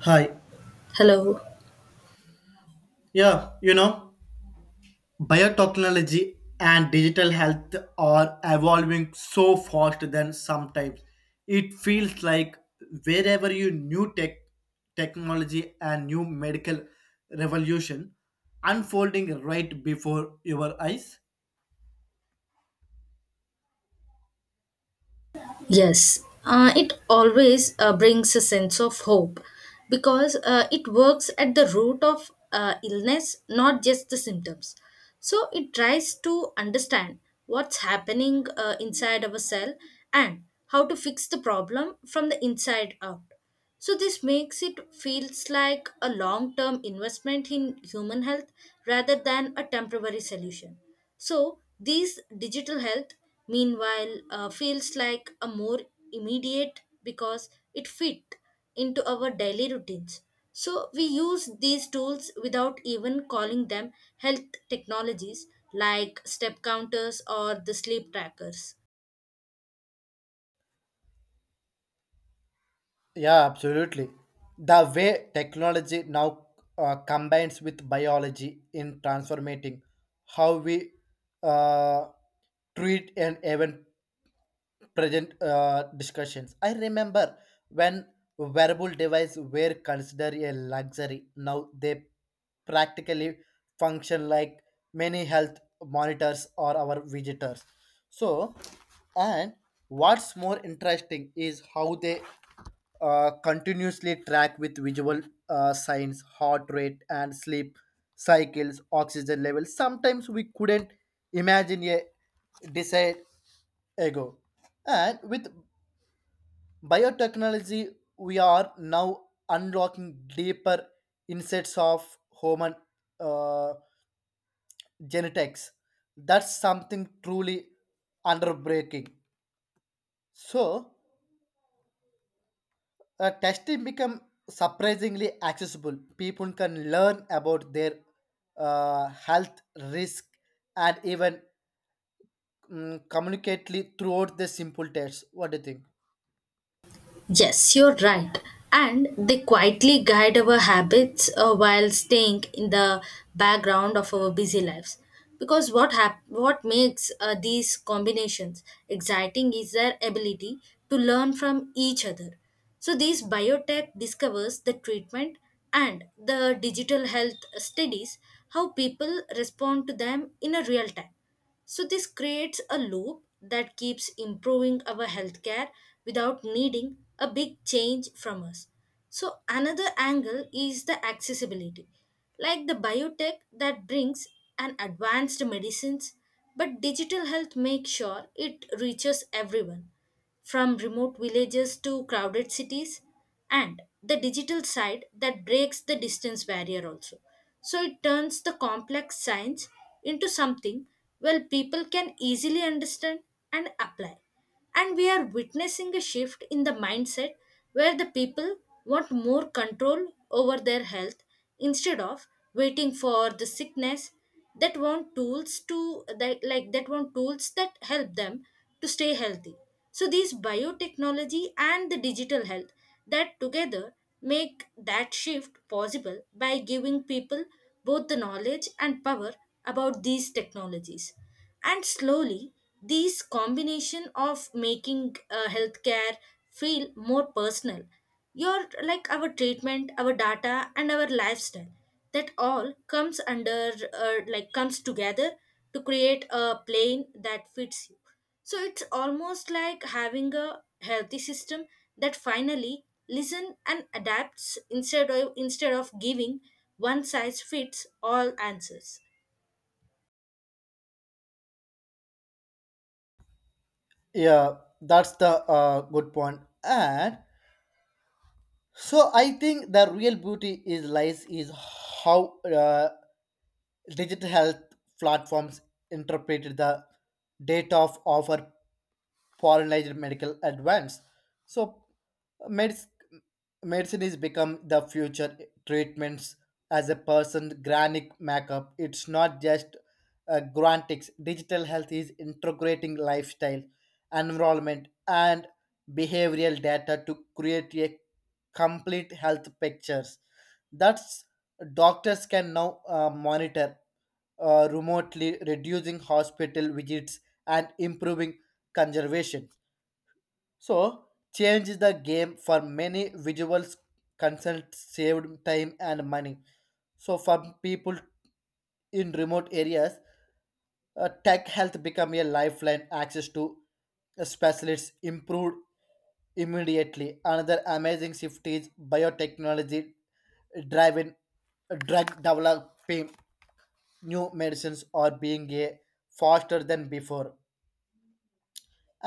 Hi. Hello. Yeah, biotechnology and digital health are evolving so fast that sometimes it feels like wherever you new tech technology and new medical revolution unfolding right before your eyes. Yes. It always brings a sense of hope because it works at the root of illness, not just the symptoms. So it tries to understand what's happening inside of a cell and how to fix the problem from the inside out. So this makes it feels like a long-term investment in human health rather than a temporary solution. So these digital health, meanwhile, feels like a more immediate because it fit into our daily routines. So we use these tools without even calling them health technologies like step counters or the sleep trackers. Yeah, absolutely. The way technology now combines with biology in transforming how we uh, treat and even present discussions. I remember when wearable devices were considered a luxury. Now they practically function like many health monitors or our visitors. So, and what's more interesting is how they continuously track with visual signs, heart rate, and sleep cycles, oxygen levels. Sometimes we couldn't imagine a decide ago. And with biotechnology, we are now unlocking deeper insights of human uh, genetics. That's something truly underbreaking. So, testing become surprisingly accessible. People can learn about their health risk and even communicately throughout the simple tests. What do you think? Yes, you're right. And they quietly guide our habits while staying in the background of our busy lives. Because what makes these combinations exciting is their ability to learn from each other. So these biotech discovers the treatment, and the digital health studies how people respond to them in a real time. So this creates a loop that keeps improving our healthcare without needing a big change from us. So another angle is the accessibility, like the biotech that brings an advanced medicines, but digital health makes sure it reaches everyone from remote villages to crowded cities. And the digital side that breaks the distance barrier also, so it turns the complex science into something, well, people can easily understand and apply. And we are witnessing a shift in the mindset where the people want more control over their health instead of waiting for the sickness, that want tools to that, like that want tools that help them to stay healthy. So these biotechnology and the digital health that together make that shift possible by giving people both the knowledge and power about these technologies. And slowly, these combination of making healthcare feel more personal, your like our treatment, our data, and our lifestyle that all comes under comes together to create a plane that fits you. So it's almost like having a healthy system that finally listen and adapts instead of giving one size fits all answers. Yeah, that's the good point. And so I think the real beauty is lies is how digital health platforms interpreted the data of offer foreign medical advance. So medicine, medicine is become the future treatments as a person granic makeup. It's not just grantics. Digital health is integrating lifestyle, environment, and behavioral data to create a complete health pictures that doctors can now monitor remotely, reducing hospital visits and improving conservation. So, change the game for many visuals consults saved time and money. So, for people in remote areas, tech health become a lifeline access to specialists improved immediately. Another amazing shift is biotechnology driven drug developing new medicines are being a faster than before.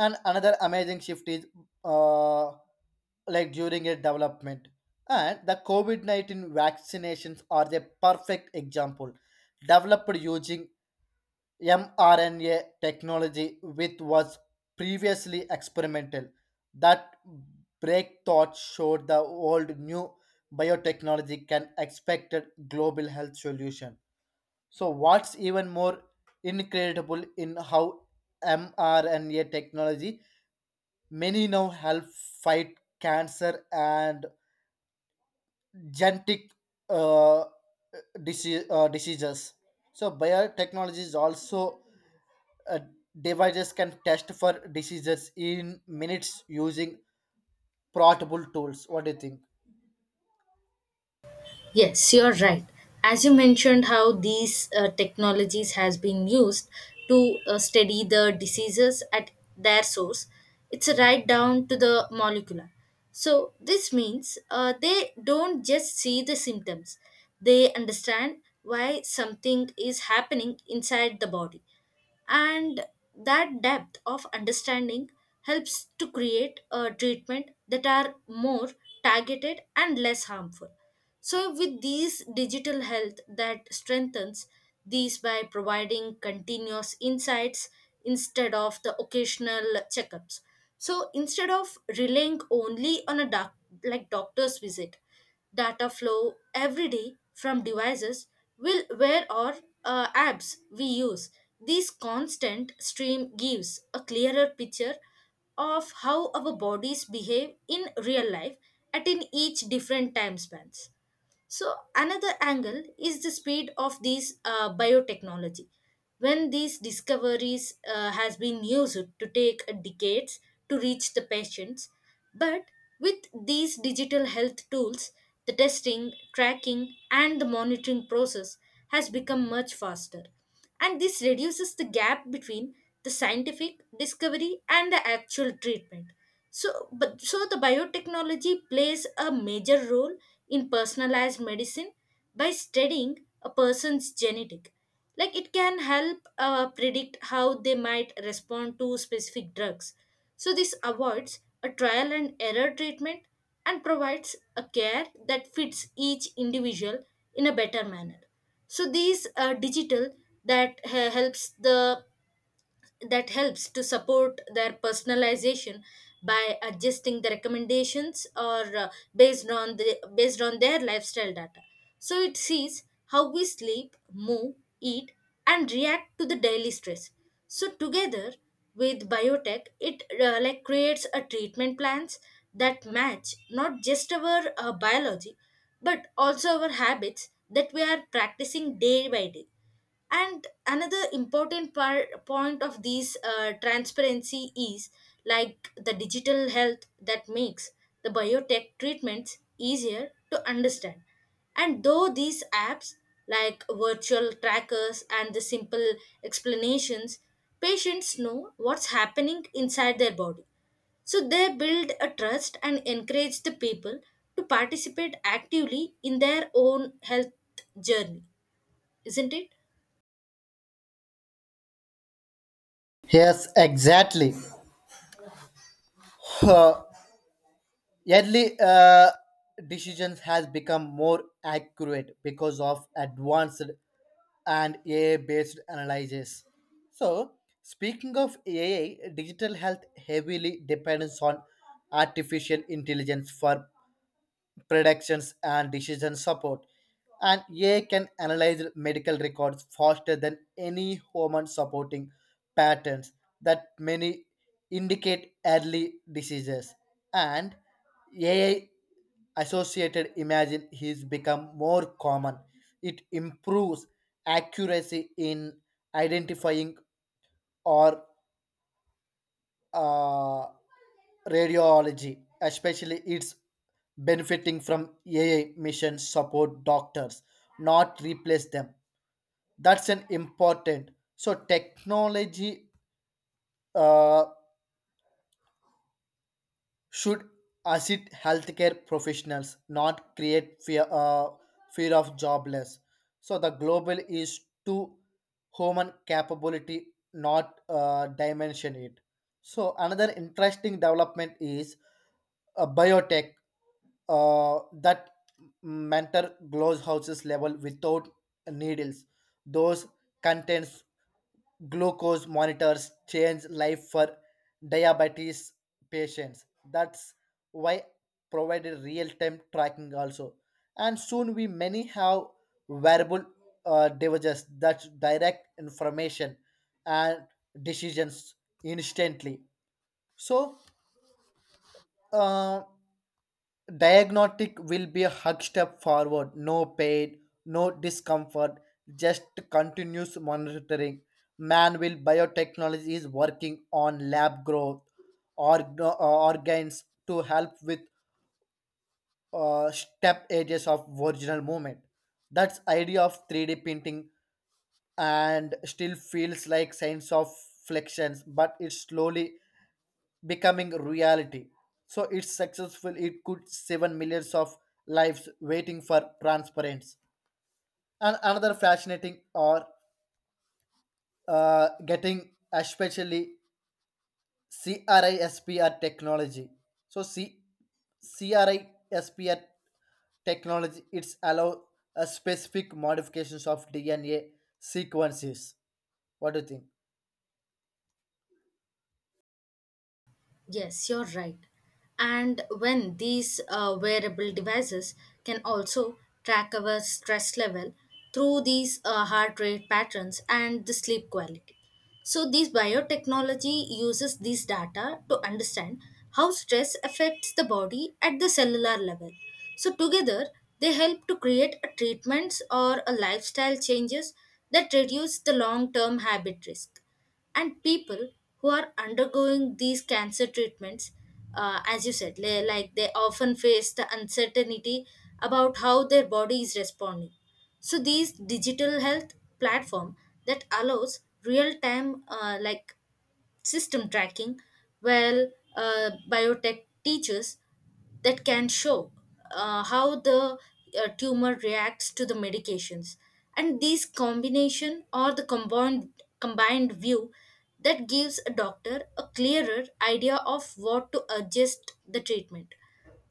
And another amazing shift is uh, like during a development and the covid-19 vaccinations are the perfect example, developed using mRNA technology, which was previously experimental. That breakthrough showed the old new biotechnology can expect a global health solution. So, what's even more incredible in how mRNA technology many now help fight cancer and genetic uh, diseases. So, biotechnology is also uh, devices can test for diseases in minutes using portable tools. What do you think? Yes, you're right. As you mentioned, how these technologies has been used to study the diseases at their source, it's right down to the molecular. So this means they don't just see the symptoms; they understand why something is happening inside the body, and that depth of understanding helps to create a treatment that are more targeted and less harmful. So with these digital health that strengthens these by providing continuous insights instead of the occasional checkups. So instead of relying only on a doctor's visit, data flow every day from devices will where or apps we use. This constant stream gives a clearer picture of how our bodies behave in real life at in each different time spans. So another angle is the speed of these biotechnology. When these discoveries has been used to take decades to reach the patients, but with these digital health tools, the testing, tracking, and the monitoring process has become much faster. And this reduces the gap between the scientific discovery and the actual treatment. So, but so the biotechnology plays a major role in personalized medicine by studying a person's genetic. Like it can help predict how they might respond to specific drugs. So this avoids a trial and error treatment and provides a care that fits each individual in a better manner. So these are digital that helps the that helps to support their personalization by adjusting the recommendations or based on their lifestyle data. So it sees how we sleep move eat and react to the daily stress. So together with biotech it creates a treatment plans that match not just our biology but also our habits that we are practicing day by day. And another important part point of these transparency is like the digital health that makes the biotech treatments easier to understand. And though these apps like virtual trackers and the simple explanations, patients know what's happening inside their body. So they build a trust and encourage the people to participate actively in their own health journey, isn't it? Yes, exactly. Uh, early decisions has become more accurate because of advanced and AI-based analysis. So, speaking of AI, digital health heavily depends on artificial intelligence for predictions, and decision support. And AI can analyze medical records faster than any human supporting patterns that many indicate early diseases. And AI associated imagine is become more common. It improves accuracy in identifying or uh, radiology, especially it's benefiting from AI mission support doctors, not replace them. That's an important. So technology uh, should assist healthcare professionals, not create fear of jobless? So the global is to human capability, not dimension it. So another interesting development is biotech that mentor gloves houses level without needles. Those contains glucose monitors change life for diabetes patients. That's why provided real-time tracking also. And soon we many have wearable devices that direct information and decisions instantly. So uh, diagnostic will be a hug step forward, no pain, no discomfort, just continuous monitoring. Man will biotechnology is working on lab growth organs to help with step edges of original movement. That's idea of 3D printing and still feels like science of flexions, but it's slowly becoming reality. So it's successful. It could save millions of lives waiting for transparency. And another fascinating or getting especially CRISPR technology. So C CRISPR technology it's allow a specific modifications of DNA sequences. What do you think? Yes, you're right. And when these wearable devices can also track our stress level through these heart rate patterns and the sleep quality. So, this biotechnology uses these data to understand how stress affects the body at the cellular level. So, together, they help to create a treatments or a lifestyle changes that reduce the long term habit risk. And people who are undergoing these cancer treatments, as you said, like they often face the uncertainty about how their body is responding. So these digital health platform that allows real time system tracking, well, biotech teaches that can show how the tumor reacts to the medications. And these combination or the combined view that gives a doctor a clearer idea of what to adjust the treatment.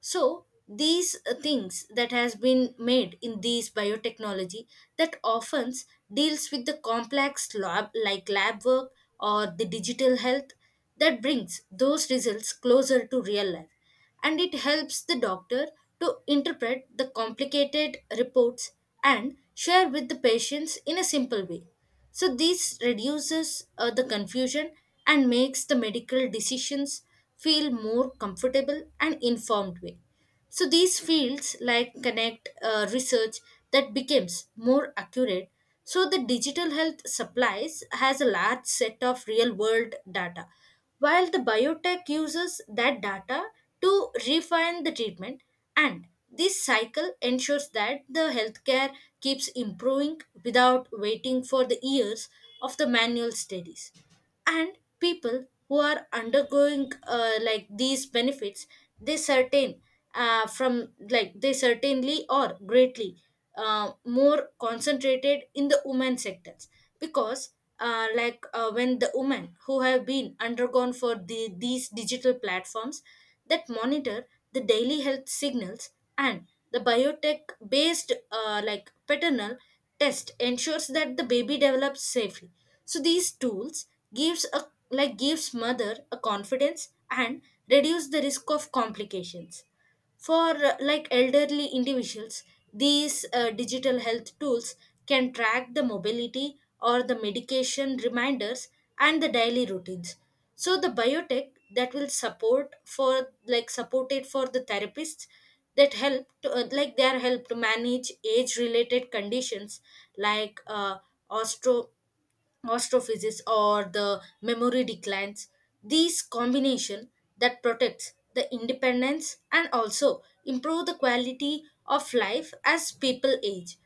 So these things that has been made in these biotechnology that often deals with the complex lab work or the digital health that brings those results closer to real life. And it helps the doctor to interpret the complicated reports and share with the patients in a simple way. So this reduces the confusion and makes the medical decisions feel more comfortable and informed way. So these fields like connect research that becomes more accurate. So the digital health supplies has a large set of real world data while the biotech uses that data to refine the treatment. And this cycle ensures that the healthcare keeps improving without waiting for the years of the manual studies. And people who are undergoing these benefits, they certain from like they certainly or greatly more concentrated in the women sectors, because when the women who have been undergone for the, these digital platforms that monitor the daily health signals. And the biotech based paternal test ensures that the baby develops safely. So these tools gives a gives mother a confidence and reduce the risk of complications. For elderly individuals, these digital health tools can track the mobility or the medication reminders and the daily routines. So the biotech that will supported for the therapists that help to, their help to manage age related conditions like osteo osteophysis or the memory declines. These combination that protects the independence and also improve the quality of life as people age.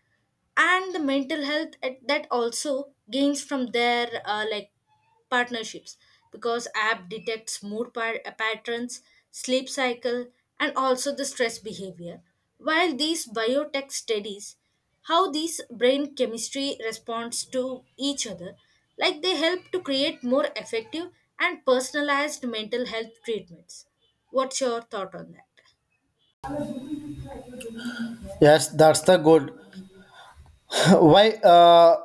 And the mental health that also gains from their partnerships. Because app detects patterns, sleep cycle, and also the stress behavior. While these biotech studies how these brain chemistry responds to each other, like they help to create more effective and personalized mental health treatments. What's your thought on that? Yes, that's the good. Why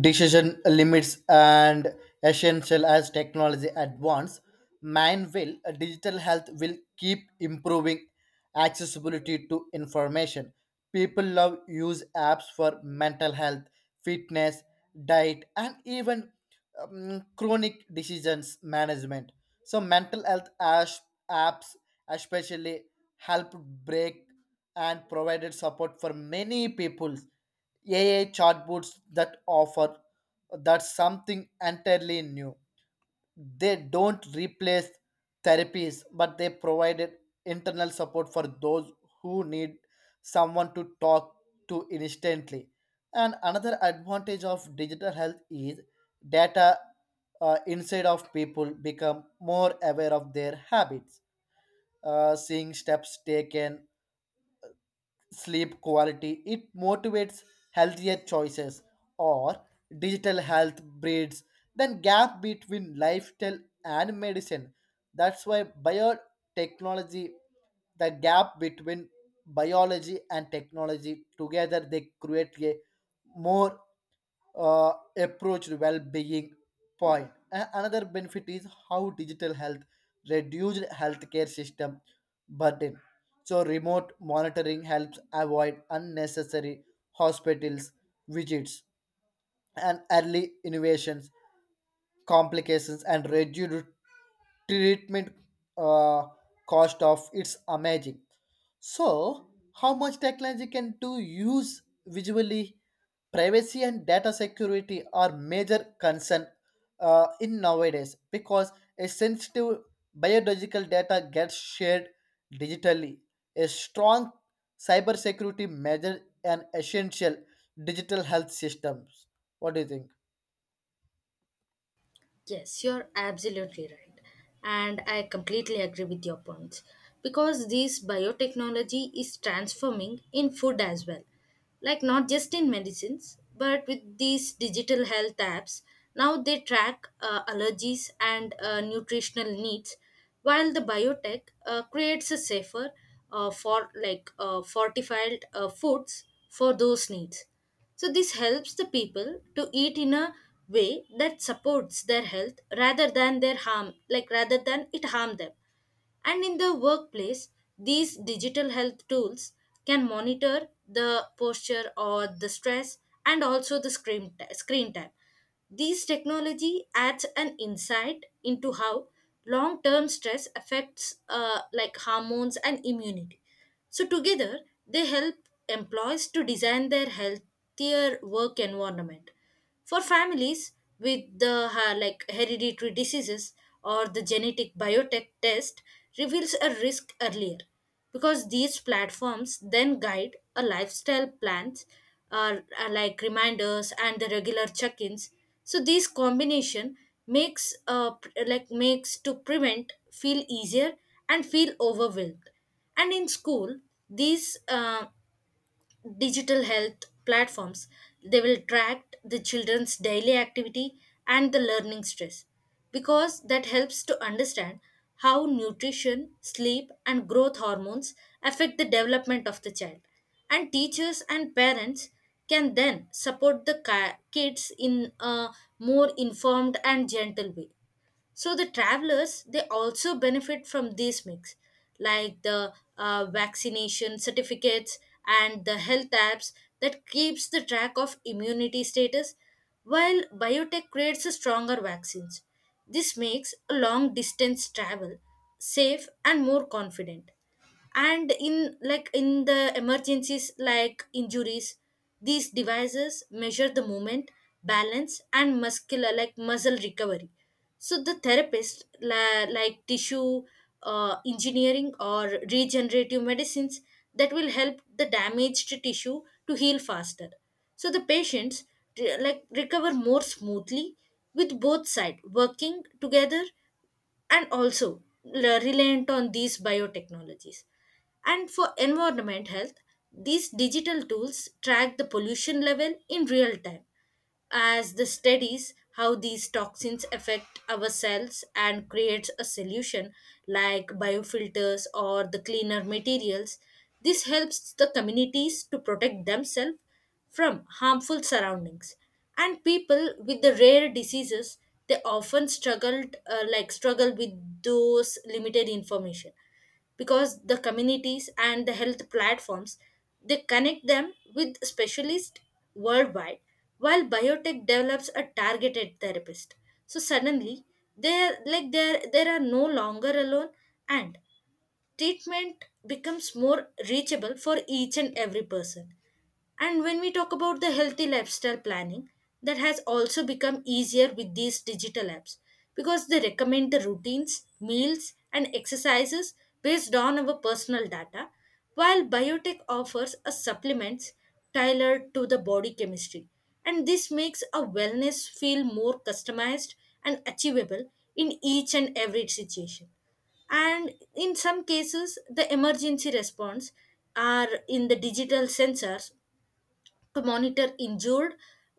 decision limits and essential as technology advance, man will digital health will keep improving accessibility to information. People love use apps for mental health, fitness, diet, and even chronic decisions management. So mental health as apps especially help break and provided support for many people. AI chatbots that offer, that's something entirely new. They don't replace therapies, but they provided internal support for those who need someone to talk to instantly. And another advantage of digital health is data inside of people become more aware of their habits, seeing steps taken, sleep quality, it motivates healthier choices, or digital health breeds then gap between lifestyle and medicine. That's why biotechnology, the gap between biology and technology together they create a more approached well-being point. Another benefit is how digital health reduced healthcare system burden. So remote monitoring helps avoid unnecessary hospitals visits and early innovations complications and reduced treatment uh, cost of it's amazing. So how much technology can do use visually, privacy and data security are major concern in nowadays, because a sensitive biological data gets shared digitally, a strong cybersecurity measure and essential digital health systems. What do you think? Yes, you're absolutely right. And I completely agree with your points because this biotechnology is transforming in food as well. Like, not just in medicines, but with these digital health apps, now they track allergies and nutritional needs while the biotech creates a safer fortified foods for those needs. So this helps the people to eat in a way that supports their health rather than their harm, like rather than it harm them. And in the workplace, these digital health tools can monitor the posture or the stress and also the screen time. These technology adds an insight into how long-term stress affects hormones and immunity. So together, they help employees to design their healthier work environment. For families with the hereditary diseases or the genetic biotech test reveals a risk earlier. Because these platforms then guide a lifestyle plans, are like reminders and the regular check-ins. So this combination makes makes to prevent feel easier and feel overwhelmed. And in school, these digital health platforms. They will track the children's daily activity and the learning stress, because that helps to understand how nutrition, sleep, and growth hormones affect the development of the child. And teachers and parents can then support the kids in a more informed and gentle way. So the travelers, they also benefit from these mix, like the vaccination certificates and the health apps that keeps the track of immunity status, while biotech creates a stronger vaccines. This makes a long distance travel safe and more confident. And in the emergencies like injuries, these devices measure the movement, balance, and muscular like muscle recovery. So the therapist la- like tissue engineering or regenerative medicines that will help the damaged tissue to heal faster. So the patients recover more smoothly with both sides working together and also reliant on these biotechnologies. And for environment health, these digital tools track the pollution level in real time as the studies how these toxins affect our cells and creates a solution like biofilters or the cleaner materials. This helps the communities to protect themselves from harmful surroundings, and people with the rare diseases, they often struggle with those limited information because the communities and the health platforms, they connect them with specialists worldwide, while biotech develops a targeted therapist. So suddenly, they're like they're they are no longer alone, and treatment becomes more reachable for each and every person. And when we talk about the healthy lifestyle planning, that has also become easier with these digital apps because they recommend the routines, meals, and exercises based on our personal data, while biotech offers a supplements tailored to the body chemistry. And this makes a wellness feel more customized and achievable in each and every situation. And in some cases, the emergency response are in the digital sensors to monitor injured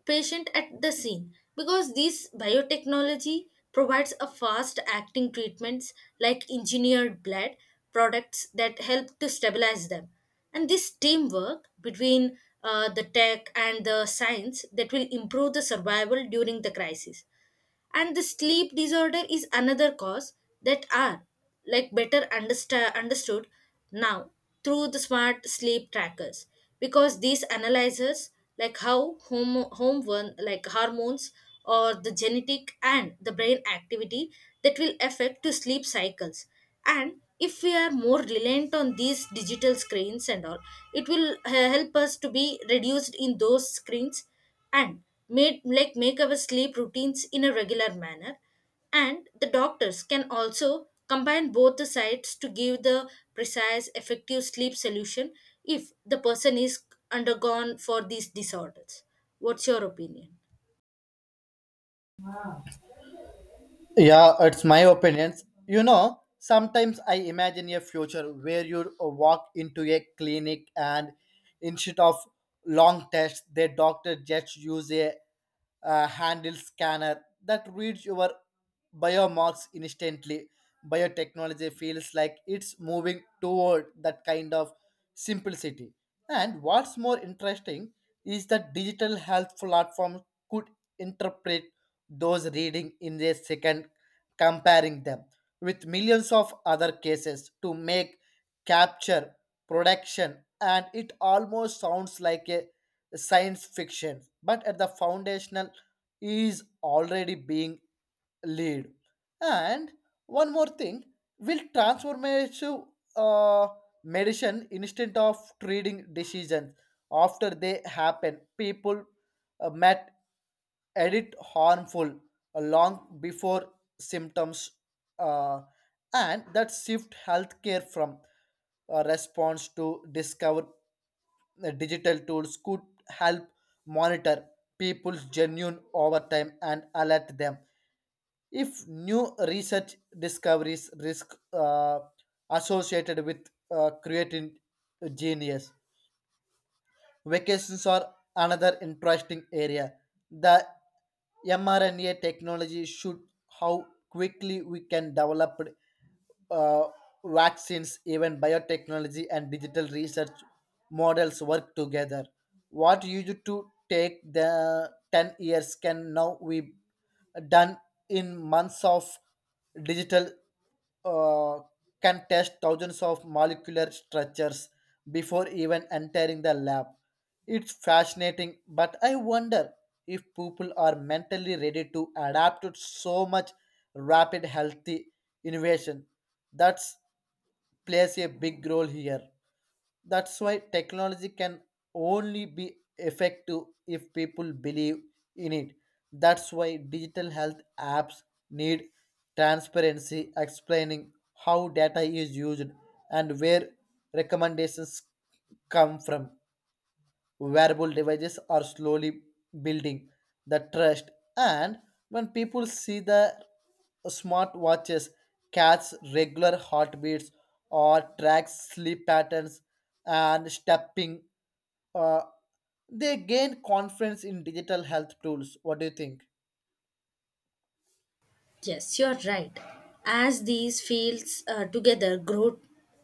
patient at the scene because this biotechnology provides a fast acting treatments like engineered blood products that help to stabilize them, and this teamwork between the tech and the science, that will improve the survival during the crisis. And the sleep disorder is another cause that are, like, better understood now through the smart sleep trackers because these analyzes like how home home one like hormones or the genetic and the brain activity, that will affect to sleep cycles. And if we are more reliant on these digital screens and all, it will help us to be reduced in those screens and made like make our sleep routines in a regular manner. And the doctors can also combine both the sides to give the precise effective sleep solution if the person is undergone for these disorders. What's your opinion? Yeah, it's my opinions. Sometimes I imagine a future where you walk into a clinic and instead of long tests, the doctor just use a handle scanner that reads your biomarks instantly. Biotechnology feels like it's moving toward that kind of simplicity. And what's more interesting is that digital health platforms could interpret those reading in a second, comparing them with millions of other cases to make capture production, and it almost sounds like a science fiction, but at the foundational is already being lead. And one more thing, will transformative uh, medicine instead of treating decisions after they happen. People met edit harmful long before symptoms, uh, and that shift healthcare from response to discover the digital tools could help monitor people's genuine over time and alert them if new research discoveries risk associated with creating genius. Vacations are another interesting area. The mRNA technology should how quickly we can develop uh, vaccines, even biotechnology and digital research models work together. What used to take the 10 years can now be done in months of digital uh, can test thousands of molecular structures before even entering the lab. It's fascinating, but I wonder if people are mentally ready to adapt to so much rapid healthy innovation. That's plays a big role here. That's why technology can only be effective if people believe in it. That's why digital health apps need transparency, explaining how data is used and where recommendations come from. Wearable devices are slowly building the trust, and when people see the smart watches catch regular heartbeats or track sleep patterns and stepping, uh, they gain confidence in digital health tools. What do you think? Yes, you're right. As these fields together grow,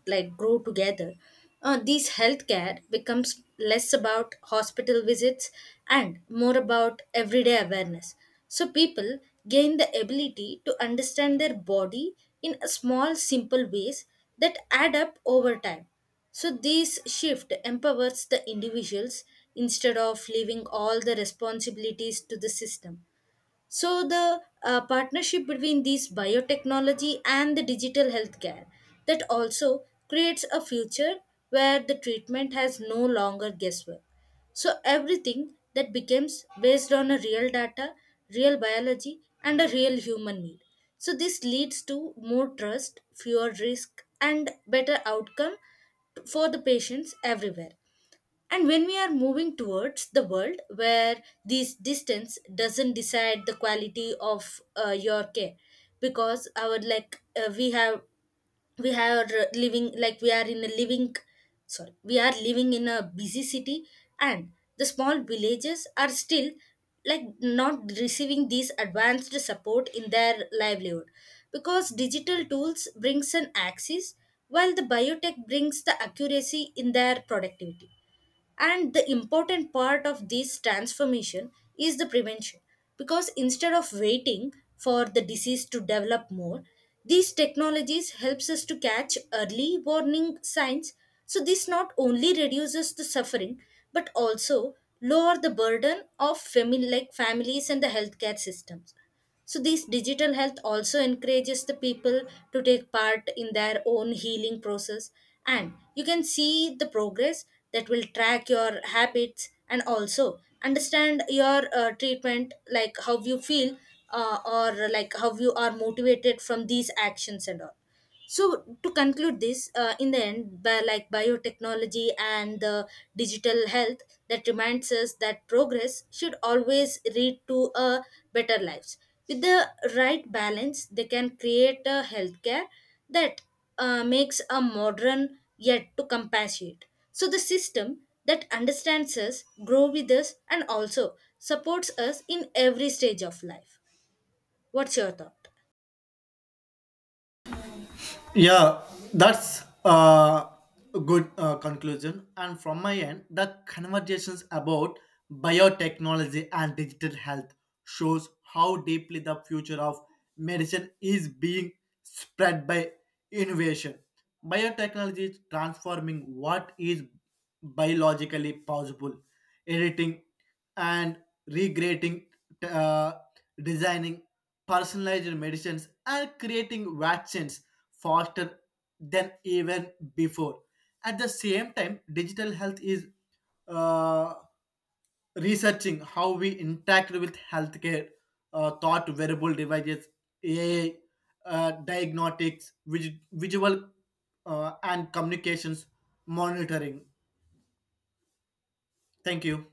like grow together, these healthcare becomes less about hospital visits and more about everyday awareness. So people gain the ability to understand their body in a small, simple ways that add up over time. So this shift empowers the individuals instead of leaving all the responsibilities to the system. So the partnership between these biotechnology and the digital healthcare, that also creates a future where the treatment has no longer guesswork. So everything that becomes based on a real data, real biology, and a real human need. So this leads to more trust, fewer risk, and better outcome for the patients everywhere. And when we are moving towards the world where this distance doesn't decide the quality of your care, because our like we have we are living like we are in a living sorry we are living in a busy city, and the small villages are still, like, not receiving these advanced support in their livelihood because digital tools brings an access while the biotech brings the accuracy in their productivity. And the important part of this transformation is the prevention. Because instead of waiting for the disease to develop more, these technologies helps us to catch early warning signs. So this not only reduces the suffering but also lower the burden of family like families and the healthcare systems. So, this digital health also encourages the people to take part in their own healing process, and you can see the progress that will track your habits and also understand your treatment, like how you feel or like how you are motivated from these actions and all. So to conclude this in the end by like biotechnology and the digital health, that reminds us that progress should always lead to a better lives. With the right balance, they can create a healthcare that makes a modern yet to compassionate. So the system, that understands us, grow with us, and also supports us in every stage of life. What's your thought? Yeah, that's a good conclusion. And from my end, the conversations about biotechnology and digital health shows how deeply the future of medicine is being spread by innovation. Biotechnology is transforming what is biologically possible, editing and regrading, uh, designing personalized medicines and creating vaccines faster than even before. At the same time, digital health is uh, researching how we interact with healthcare, thought wearable devices, AI, diagnostics, visual and communications monitoring. Thank you.